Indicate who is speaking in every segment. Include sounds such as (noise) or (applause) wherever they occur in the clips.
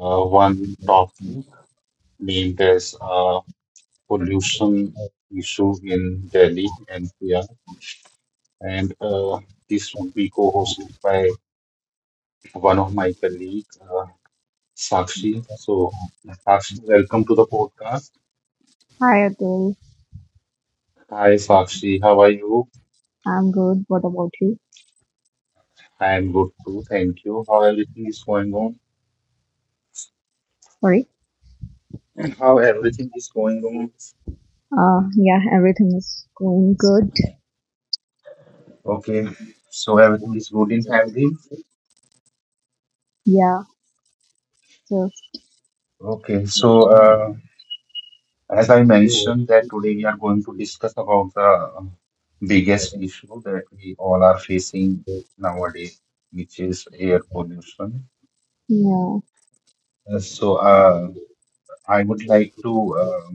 Speaker 1: one topic named as pollution issue in Delhi and NCR. And this will be co-hosted by one of my colleagues, Sakshi. So, Sakshi, welcome to the podcast.
Speaker 2: Hi Atul,
Speaker 1: Hi, Sakshi. How are you?
Speaker 2: I'm good. What about you?
Speaker 1: I am good too. Thank you. How everything is going on?
Speaker 2: Sorry.
Speaker 1: how everything is going on.
Speaker 2: Yeah, everything is going good.
Speaker 1: Okay, so everything is good in family.
Speaker 2: Yeah, just
Speaker 1: Okay, so as I mentioned that today we are going to discuss about the um, biggest issue that we all are facing nowadays, which is air pollution.
Speaker 2: yeah.
Speaker 1: Uh, So uh, I would like to uh,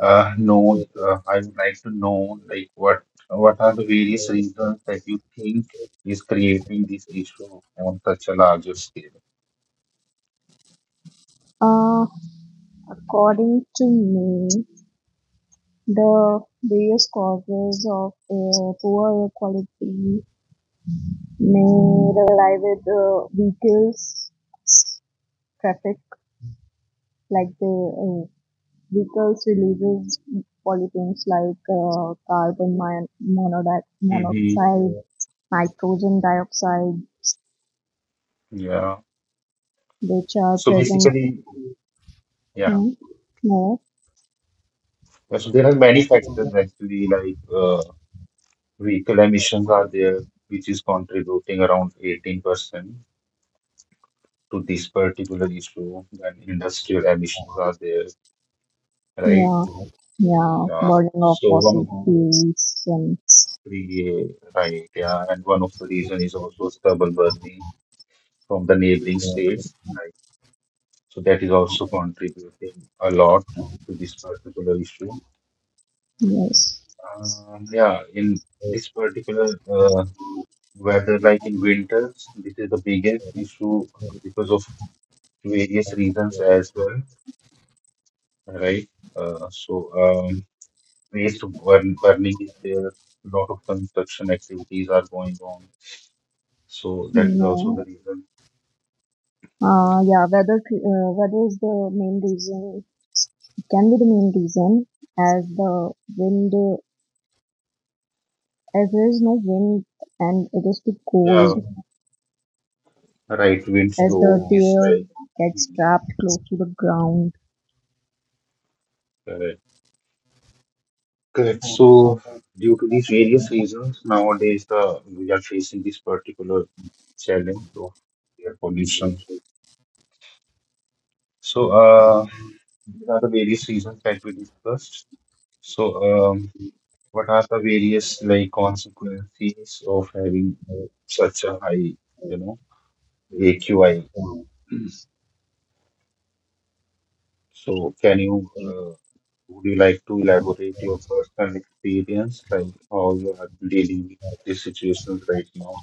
Speaker 1: know. I would like to know like what are the various reasons that you think is creating this issue on such a larger scale?
Speaker 2: Uh, According to me, the various causes of poor air quality may rely with vehicles, traffic, like the uh, Rickles releases pollutants like carbon
Speaker 1: hmm
Speaker 2: monoxide, nitrogen dioxide,
Speaker 1: Yeah.
Speaker 2: which are
Speaker 1: So
Speaker 2: present
Speaker 1: basically, yeah.
Speaker 2: in more.
Speaker 1: yeah, so there are many factors actually, like vehicle emissions are there, which is contributing around 18% to this particular issue. Then industrial emissions are there, right?
Speaker 2: yeah, yeah,
Speaker 1: Yeah.
Speaker 2: Burning of
Speaker 1: So one
Speaker 2: fossil
Speaker 1: of
Speaker 2: fuels and
Speaker 1: the Right, yeah, and one of the reason is also stubble burning from the neighboring states, right? So that is also contributing a lot to this particular issue.
Speaker 2: yes,
Speaker 1: Yeah, in this particular weather, like in winters, this is the biggest issue because of various reasons as well, right? Uh, so, um, waste burning is there, a lot of construction activities are going on, so that is also the
Speaker 2: yeah,
Speaker 1: reason.
Speaker 2: yeah. weather. Weather is the main reason. It can be the main reason as the wind, as there is no wind and it is too
Speaker 1: Yeah,
Speaker 2: cold
Speaker 1: right, wind
Speaker 2: as
Speaker 1: flow
Speaker 2: the
Speaker 1: is
Speaker 2: deer
Speaker 1: like
Speaker 2: gets
Speaker 1: mm,
Speaker 2: trapped close to the ground.
Speaker 1: correct. Correct. So, due to these various reasons, nowadays the we are facing this particular challenge of air pollution. So, these are the various reasons that we discussed. So, what are the various like consequences of having such a high, you know, AQI? (clears throat) So, can you, would you like to elaborate your personal experience, like how you are dealing with these situations right now,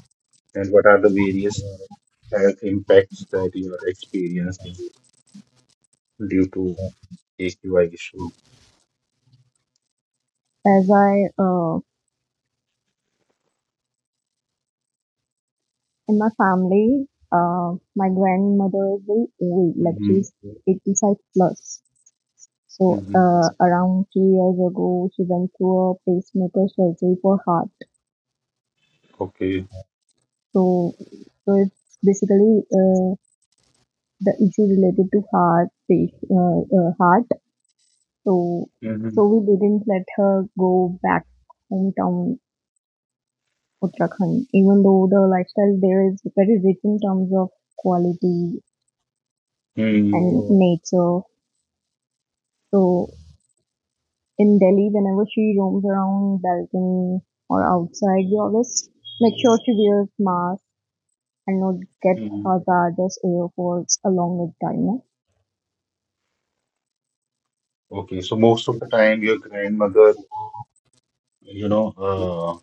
Speaker 1: and what are the various health impacts that you are experiencing due to AQI issue?
Speaker 2: As I, uh, in my family, my grandmother is very old, like
Speaker 1: Mm-hmm.
Speaker 2: she's 85 plus. So,
Speaker 1: Mm-hmm.
Speaker 2: around 2 years ago, she went through a pacemaker surgery for heart.
Speaker 1: Okay.
Speaker 2: So, so it's basically the issue related to heart, heart. So,
Speaker 1: Mm-hmm.
Speaker 2: so we didn't let her go back hometown Uttarakhand, even though the lifestyle there is very rich in terms of quality
Speaker 1: Mm-hmm.
Speaker 2: and, mm, nature. So in Delhi, whenever she roams around balcony or outside, we always make sure she wears mask and not get hazardous air for a longer time, no?
Speaker 1: Okay, so most of the time your grandmother, you know, uh,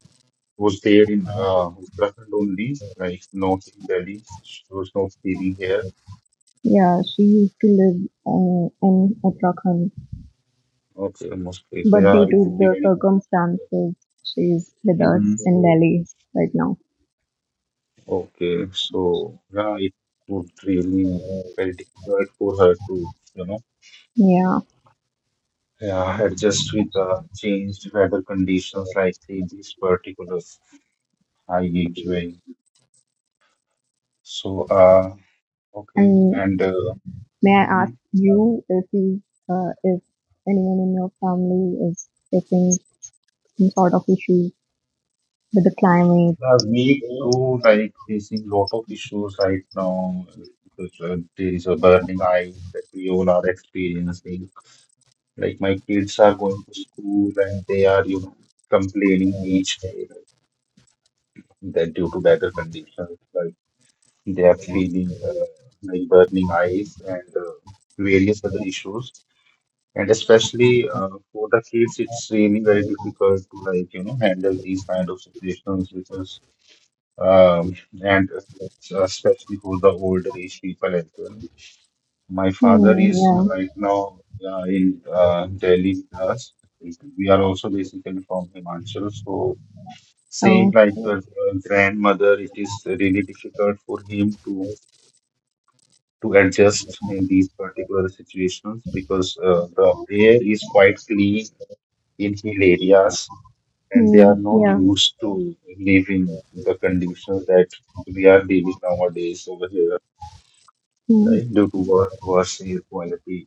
Speaker 1: was there in Uttarakhand only, like North Delhi. She was not living here.
Speaker 2: Yeah, she used to live in Uttarakhand,
Speaker 1: Okay, mostly. So
Speaker 2: but
Speaker 1: yeah,
Speaker 2: due
Speaker 1: it
Speaker 2: to
Speaker 1: would be
Speaker 2: the
Speaker 1: very.
Speaker 2: circumstances, she's with us
Speaker 1: hmm
Speaker 2: in Delhi right now.
Speaker 1: Okay, so yeah, it would really very difficult for her to, you know,
Speaker 2: Yeah.
Speaker 1: yeah, adjust with the changed weather conditions like in this particular IHUA. So okay,
Speaker 2: And
Speaker 1: and
Speaker 2: may I
Speaker 1: hmm,
Speaker 2: ask
Speaker 1: yeah.
Speaker 2: you if if anyone in your family is facing some sort of issue with the climate?
Speaker 1: Me too, like facing lot of issues right now because there is a burning eye that we all are experiencing. Like my kids are going to school and they are, you know, complaining each day that due to weather conditions, like they are feeling like burning eyes and various other issues. And especially for the kids, it's really very difficult to, like, you know, handle these kind of situations because um, and especially for the older age people as well. My father
Speaker 2: Hmm,
Speaker 1: is
Speaker 2: yeah.
Speaker 1: right now in Delhi with us. We are also basically from Himachal, so same
Speaker 2: Oh,
Speaker 1: like your grandmother, it is really difficult for him to adjust in these particular situations because the air is quite clean in hill areas, and they are
Speaker 2: hmm,
Speaker 1: not
Speaker 2: yeah.
Speaker 1: used to live in the conditions that we are dealing nowadays over here,
Speaker 2: Hmm.
Speaker 1: right, due to worse air quality.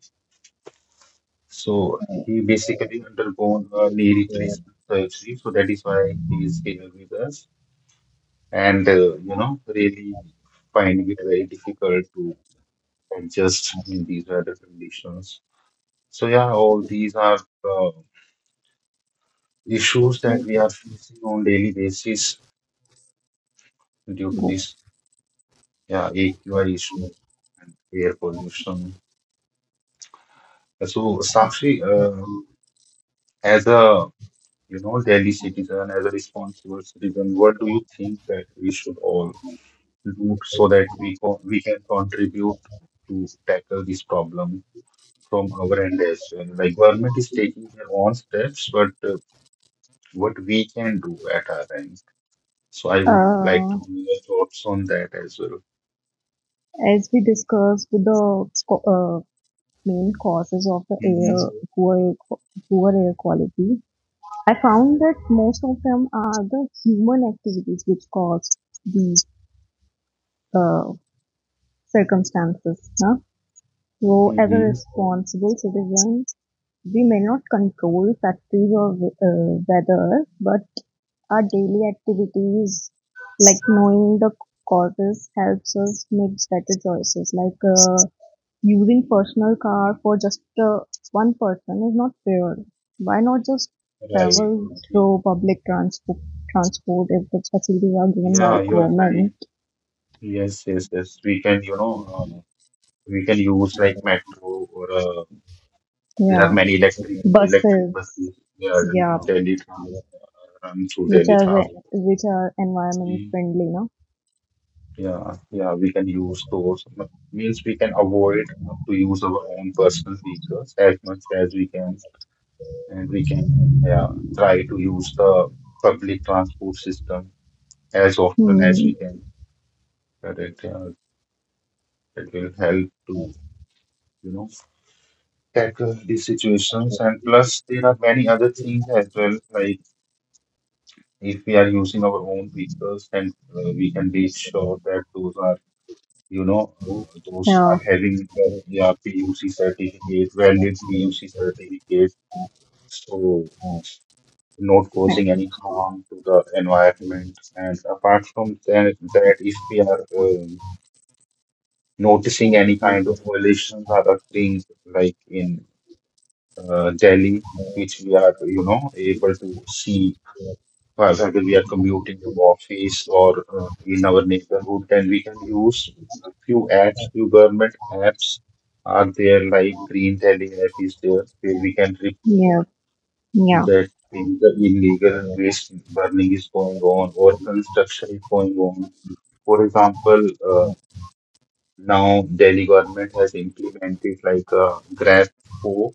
Speaker 1: So he basically undergone a knee replacement surgery, so that is why he is here with us. And you know, really finding it very difficult to adjust in these weather conditions. So yeah, all these are uh, issues that we are facing on daily basis due to this yeah AQI issue and air pollution. So Sakshi, as a, you know, Delhi citizen, as a responsible citizen, what do you think that we should all do so that we can contribute to tackle this problem from our end as well? Like government is taking their own steps, but what we can do at our end. So I would like to
Speaker 2: Uh,
Speaker 1: know your thoughts on that as well.
Speaker 2: as we discussed with the uh, main causes of the air poor air quality, I found that most of them are the human activities which cause these uh, circumstances. Huh? So,
Speaker 1: hmm
Speaker 2: as a
Speaker 1: hmm
Speaker 2: responsible citizen, we may not control factories or weather, but our daily activities, like knowing the causes, helps us make better choices. Like using personal car for just one person is not fair. Why not just travel
Speaker 1: Right.
Speaker 2: through public transport if the facilities are given by
Speaker 1: Yeah,
Speaker 2: the
Speaker 1: you are right.
Speaker 2: government?
Speaker 1: Yes, yes, yes. We can, you know, we can use like metro or a, there are
Speaker 2: Yeah,
Speaker 1: many electric
Speaker 2: buses,
Speaker 1: buses. Yeah, and
Speaker 2: yeah,
Speaker 1: Delhi Transport and through
Speaker 2: which
Speaker 1: Delhi
Speaker 2: are
Speaker 1: Transport.
Speaker 2: environment
Speaker 1: Mm.
Speaker 2: friendly, no?
Speaker 1: Yeah, yeah, we can use those. Means we can avoid to use our own personal vehicles as much as we can, and we can yeah try to use the public transport system as often as
Speaker 2: Hmm,
Speaker 1: we can. Correct. Yeah, that will help to, you know, tackle these situations. And plus, there are many other things as well, like if we are using our own vehicles, then we can be sure that those are, you know, those are
Speaker 2: yeah.
Speaker 1: having the yeah, PUC certificate, valid PUC certificate, so not causing any harm to the environment. And apart from that, that if we are noticing any kind of violations are occurring, like in Delhi, which we are, you know, able to see. For example, we are commuting to office or in our neighborhood, then we can use a few apps, few government apps are there, like Green Delhi app is there, where we can report
Speaker 2: Yeah, yeah,
Speaker 1: that in the illegal waste burning is going on or construction is going on. For example, now Delhi government has implemented like a Grab 4.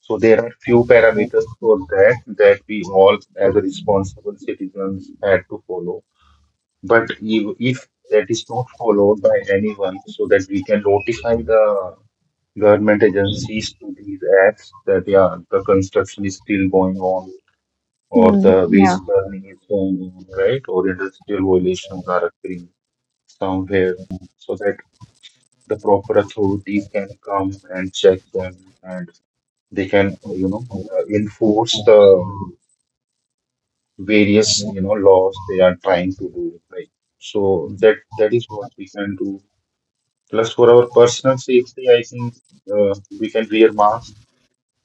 Speaker 1: So there are few parameters for that that we all as a responsible citizens had to follow, but you, if that is not followed by anyone, so that we can notify the government agencies to these apps that yeah, the construction is still going on, or
Speaker 2: mm,
Speaker 1: the
Speaker 2: yeah,
Speaker 1: waste burning is going on, right? Or industrial violations are occurring somewhere, so that the proper authorities can come and check them, and they can, you know, enforce the various, you know, laws they are trying to do, like. So that is what we can do. Plus, for our personal safety, I think uh, we can wear masks.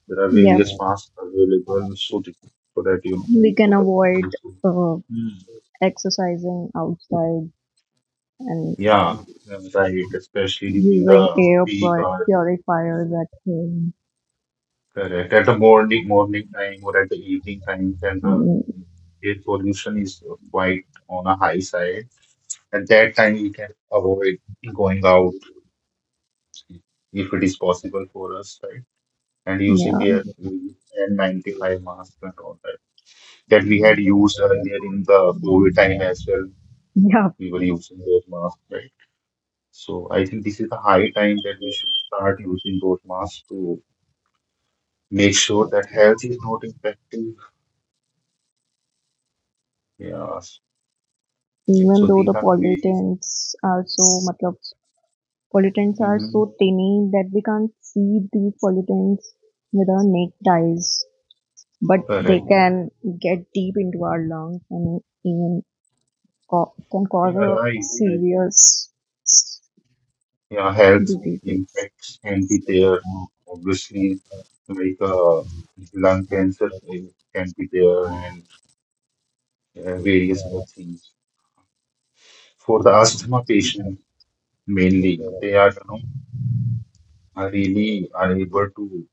Speaker 1: There are
Speaker 2: yeah.
Speaker 1: various masks available, so that- so that you know we
Speaker 2: We can
Speaker 1: put our
Speaker 2: avoid
Speaker 1: nose
Speaker 2: uh,
Speaker 1: Hmm.
Speaker 2: exercising outside and
Speaker 1: Yeah, right. Especially during
Speaker 2: using
Speaker 1: the peak, or
Speaker 2: purifiers at home.
Speaker 1: correct at the morning time or at the evening time, then the
Speaker 2: Mm,
Speaker 1: air pollution is quite on a high side. At that time, we can avoid going out if it is possible for us, right? And using
Speaker 2: yeah,
Speaker 1: the N95 mask and all that. We had used earlier in the COVID time as well.
Speaker 2: yeah.
Speaker 1: We were using those masks, right? So I think this is the high time that we should start using those masks to make sure that health is not impacted. Yeah.
Speaker 2: Even
Speaker 1: So
Speaker 2: though
Speaker 1: these
Speaker 2: the
Speaker 1: are the ways.
Speaker 2: pollutants are so, matlab, pollutants are
Speaker 1: Mm-hmm.
Speaker 2: so tiny that we can't see these pollutants with our naked eyes, but they
Speaker 1: Correct.
Speaker 2: can get deep into our lungs and even can cause
Speaker 1: Yeah,
Speaker 2: a
Speaker 1: right. Yeah,
Speaker 2: serious
Speaker 1: yeah, health
Speaker 2: diseases.
Speaker 1: impacts can be there. Obviously, like lung cancer can be there and various other things. For the asthma patient, mainly, they are, you know, are really unable to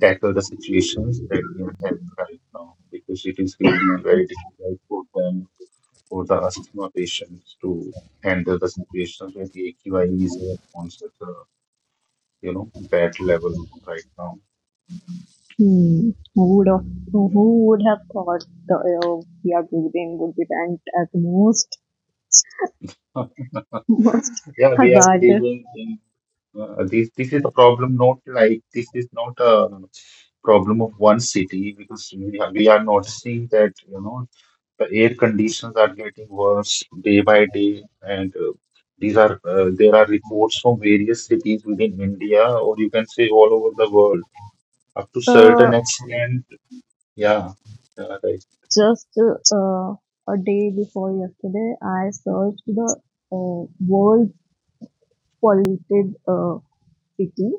Speaker 1: tackle the situations that we are having right now because it is really very difficult for them, for the asthma patients, to handle the situations where the AQI is on such a, you know, bad level right now.
Speaker 2: Hmm. Who would have thought the air we are breathing would be ranked as the most
Speaker 1: Yeah,
Speaker 2: (laughs) most
Speaker 1: (laughs) yeah we are
Speaker 2: hazardous?
Speaker 1: living in this. This is a problem, not like this is not a problem of one city because we are noticing that you know the air conditions are getting worse day by day, and these are there are reports from various cities within India, or you can say all over the world, up to
Speaker 2: Uh,
Speaker 1: certain extent. Yeah, yeah, right.
Speaker 2: just uh, a day before yesterday, I searched the world's polluted city.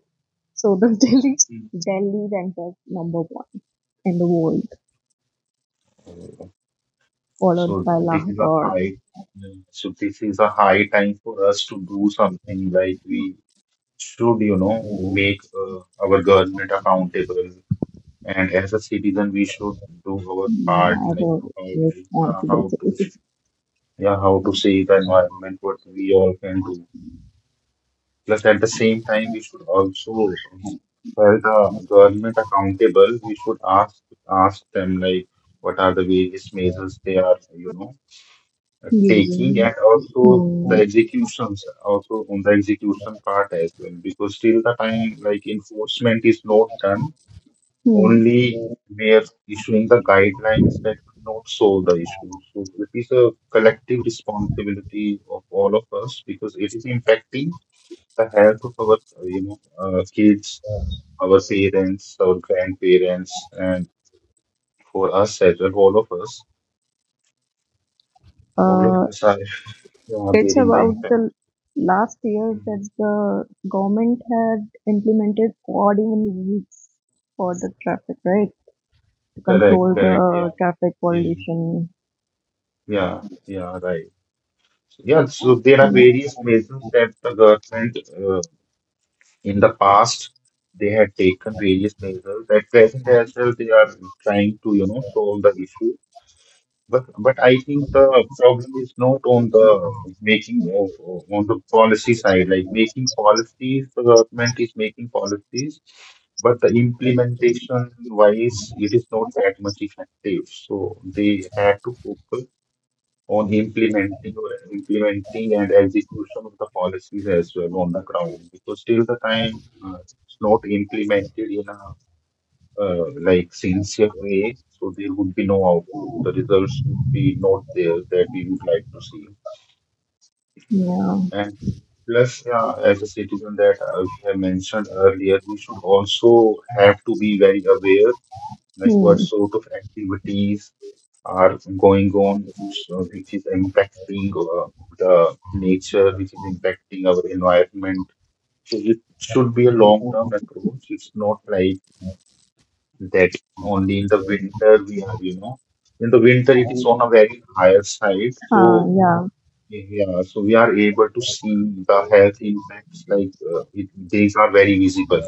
Speaker 2: So the (laughs) Delhi
Speaker 1: Mm.
Speaker 2: Delhi ranked as number one in the world,
Speaker 1: Uh,
Speaker 2: followed
Speaker 1: So
Speaker 2: by
Speaker 1: this is a
Speaker 2: Lahore.
Speaker 1: high, yeah, so this is a high time for us to do something, like we should, you know, make our government accountable. And as a citizen, we should do our
Speaker 2: Yeah,
Speaker 1: part,
Speaker 2: as
Speaker 1: like
Speaker 2: a
Speaker 1: to help, how
Speaker 2: responsible
Speaker 1: to
Speaker 2: city
Speaker 1: yeah, how to save the environment, what we all can do. Plus, at the same time, we should also hold the government accountable. We should ask them like what are the various measures they are, you know,
Speaker 2: (laughs)
Speaker 1: taking,
Speaker 2: using.
Speaker 1: and also the
Speaker 2: Hmm.
Speaker 1: executions, also on the execution part as well, because till the time like enforcement is not done,
Speaker 2: Hmm.
Speaker 1: only we are issuing the guidelines, that will not solve the issue. So it is a collective responsibility of all of us because it is impacting the health of our, you know, kids, our parents, our grandparents, and for us as well, all of
Speaker 2: Uh,
Speaker 1: us are yeah,
Speaker 2: It's
Speaker 1: bearing the
Speaker 2: about
Speaker 1: impact.
Speaker 2: the last year
Speaker 1: Mhm.
Speaker 2: that the government had implemented odd even rules for the traffic, right? To
Speaker 1: Correct,
Speaker 2: control, hmm,
Speaker 1: correct, yeah.
Speaker 2: the traffic
Speaker 1: Yeah,
Speaker 2: pollution.
Speaker 1: yeah, yeah, right. Yeah, so there are various measures that the government in the past, they had taken various measures. At present as well, they are trying to, you know, solve the issue. But I think the problem is not on the making of on the policy side. Like making policies, the government is making policies, but the implementation wise, it is not that much effective. So they had to focus on implementing or implementing and execution of the policies as well on the ground because till the time it's not implemented in a like sincere way, so there would be no output, the results would be not there that we would like to see.
Speaker 2: Yeah.
Speaker 1: And plus yeah, as a citizen that we have mentioned earlier, we should also have to be very aware like what
Speaker 2: Hmm.
Speaker 1: sort of activities are going on, so which is impacting the nature, which is impacting our environment. So it should be a long-term approach. It's not like that only in the winter we are, you know, in the winter it is on a very higher side.
Speaker 2: Ah,
Speaker 1: So
Speaker 2: yeah.
Speaker 1: yeah, so we are able to see the health impacts like these are very visible.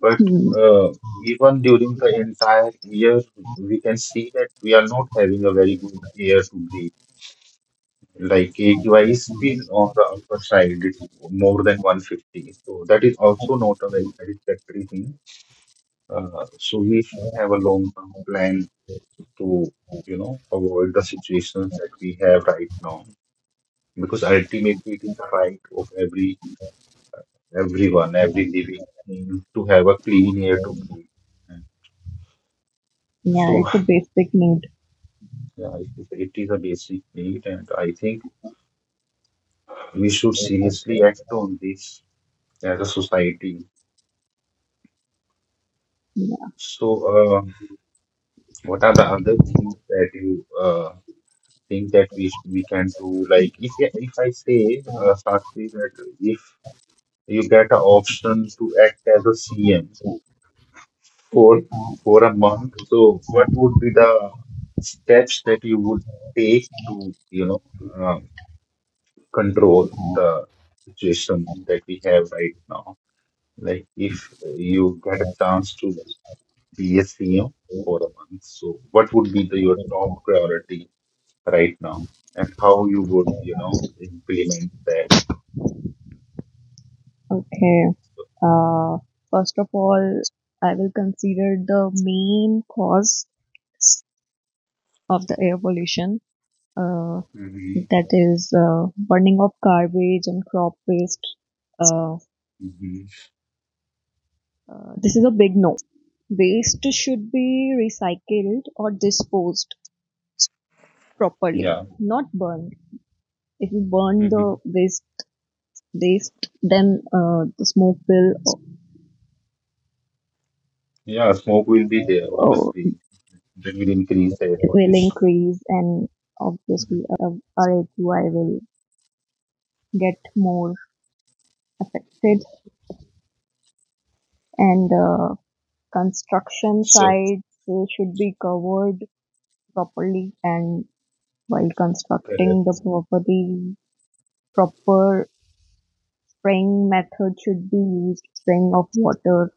Speaker 1: But
Speaker 2: Hmm.
Speaker 1: uh, even during the entire year, we can see that we are not having a very good air to breathe. Like AQI is still on the upper side, it's more than 150. So that is also not a very satisfactory thing. So we should have a long-term plan to, you know, avoid the situations that we have right now. Because ultimately, it is the right of everyone, every living thing, to have a clean air to breathe.
Speaker 2: Yeah,
Speaker 1: So
Speaker 2: it's a basic need.
Speaker 1: yeah, I think it is a basic need, and I think we should seriously act on this as a society.
Speaker 2: Yeah.
Speaker 1: So, uh, what are the other things that you think that we we can do? Like, if I say, Sakshi, that if you get an option to act as a CM for a month, so what would be the steps that you would take to, you know, uh, control the situation that we have right now? Like if you get a chance to be a CEO for a month, so what would be the, your top priority right now, and how you would, you know, implement that?
Speaker 2: Okay.
Speaker 1: So,
Speaker 2: Uh, First of all, I will consider the main cause of the air pollution. Uh,
Speaker 1: hmm
Speaker 2: that is burning of garbage and crop waste. Um,
Speaker 1: hmm
Speaker 2: This is a big no. Waste should be recycled or disposed properly,
Speaker 1: yeah,
Speaker 2: not burned. If you burn the
Speaker 1: hmm
Speaker 2: waste then the smoke
Speaker 1: yeah, smoke will be there
Speaker 2: uh,
Speaker 1: obviously. That will increase air
Speaker 2: will
Speaker 1: pollution.
Speaker 2: increase, and obviously
Speaker 1: Mhm.
Speaker 2: our AQI will get more affected. And construction
Speaker 1: So
Speaker 2: sites should be covered properly, and while constructing the
Speaker 1: correct,
Speaker 2: property, proper spraying method should be used, spraying of water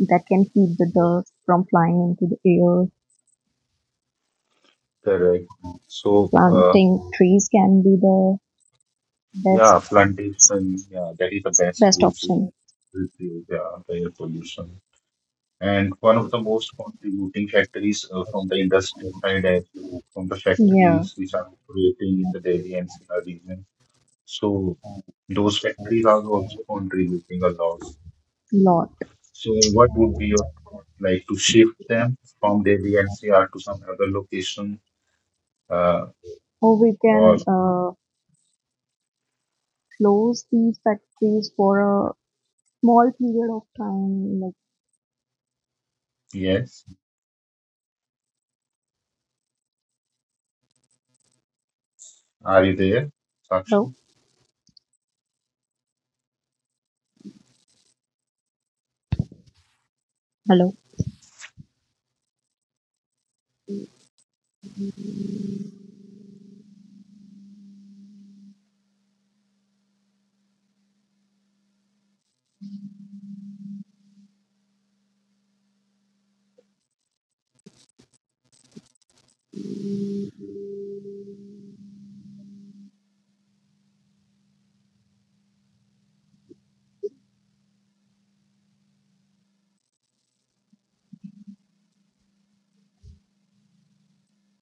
Speaker 2: that can keep the
Speaker 1: yeah,
Speaker 2: dirt from flying into the air.
Speaker 1: correct. So uh,
Speaker 2: Planting trees can be the best
Speaker 1: yeah, plantation, yeah, that is the best
Speaker 2: best
Speaker 1: way to
Speaker 2: option.
Speaker 1: reduce yeah, the air pollution. And one of the most contributing factories from the industry side as well, from the
Speaker 2: Yeah.
Speaker 1: factories which are operating in the Delhi NCR region. So those factories are also contributing a lot.
Speaker 2: Lot.
Speaker 1: So what would be your thought, like to shift them from Delhi NCR to some other location? Uh,
Speaker 2: Or we
Speaker 1: or
Speaker 2: can close these factories for a small period of time. Like
Speaker 1: yes, are you there,
Speaker 2: hello,
Speaker 1: Sakshi?
Speaker 2: hello.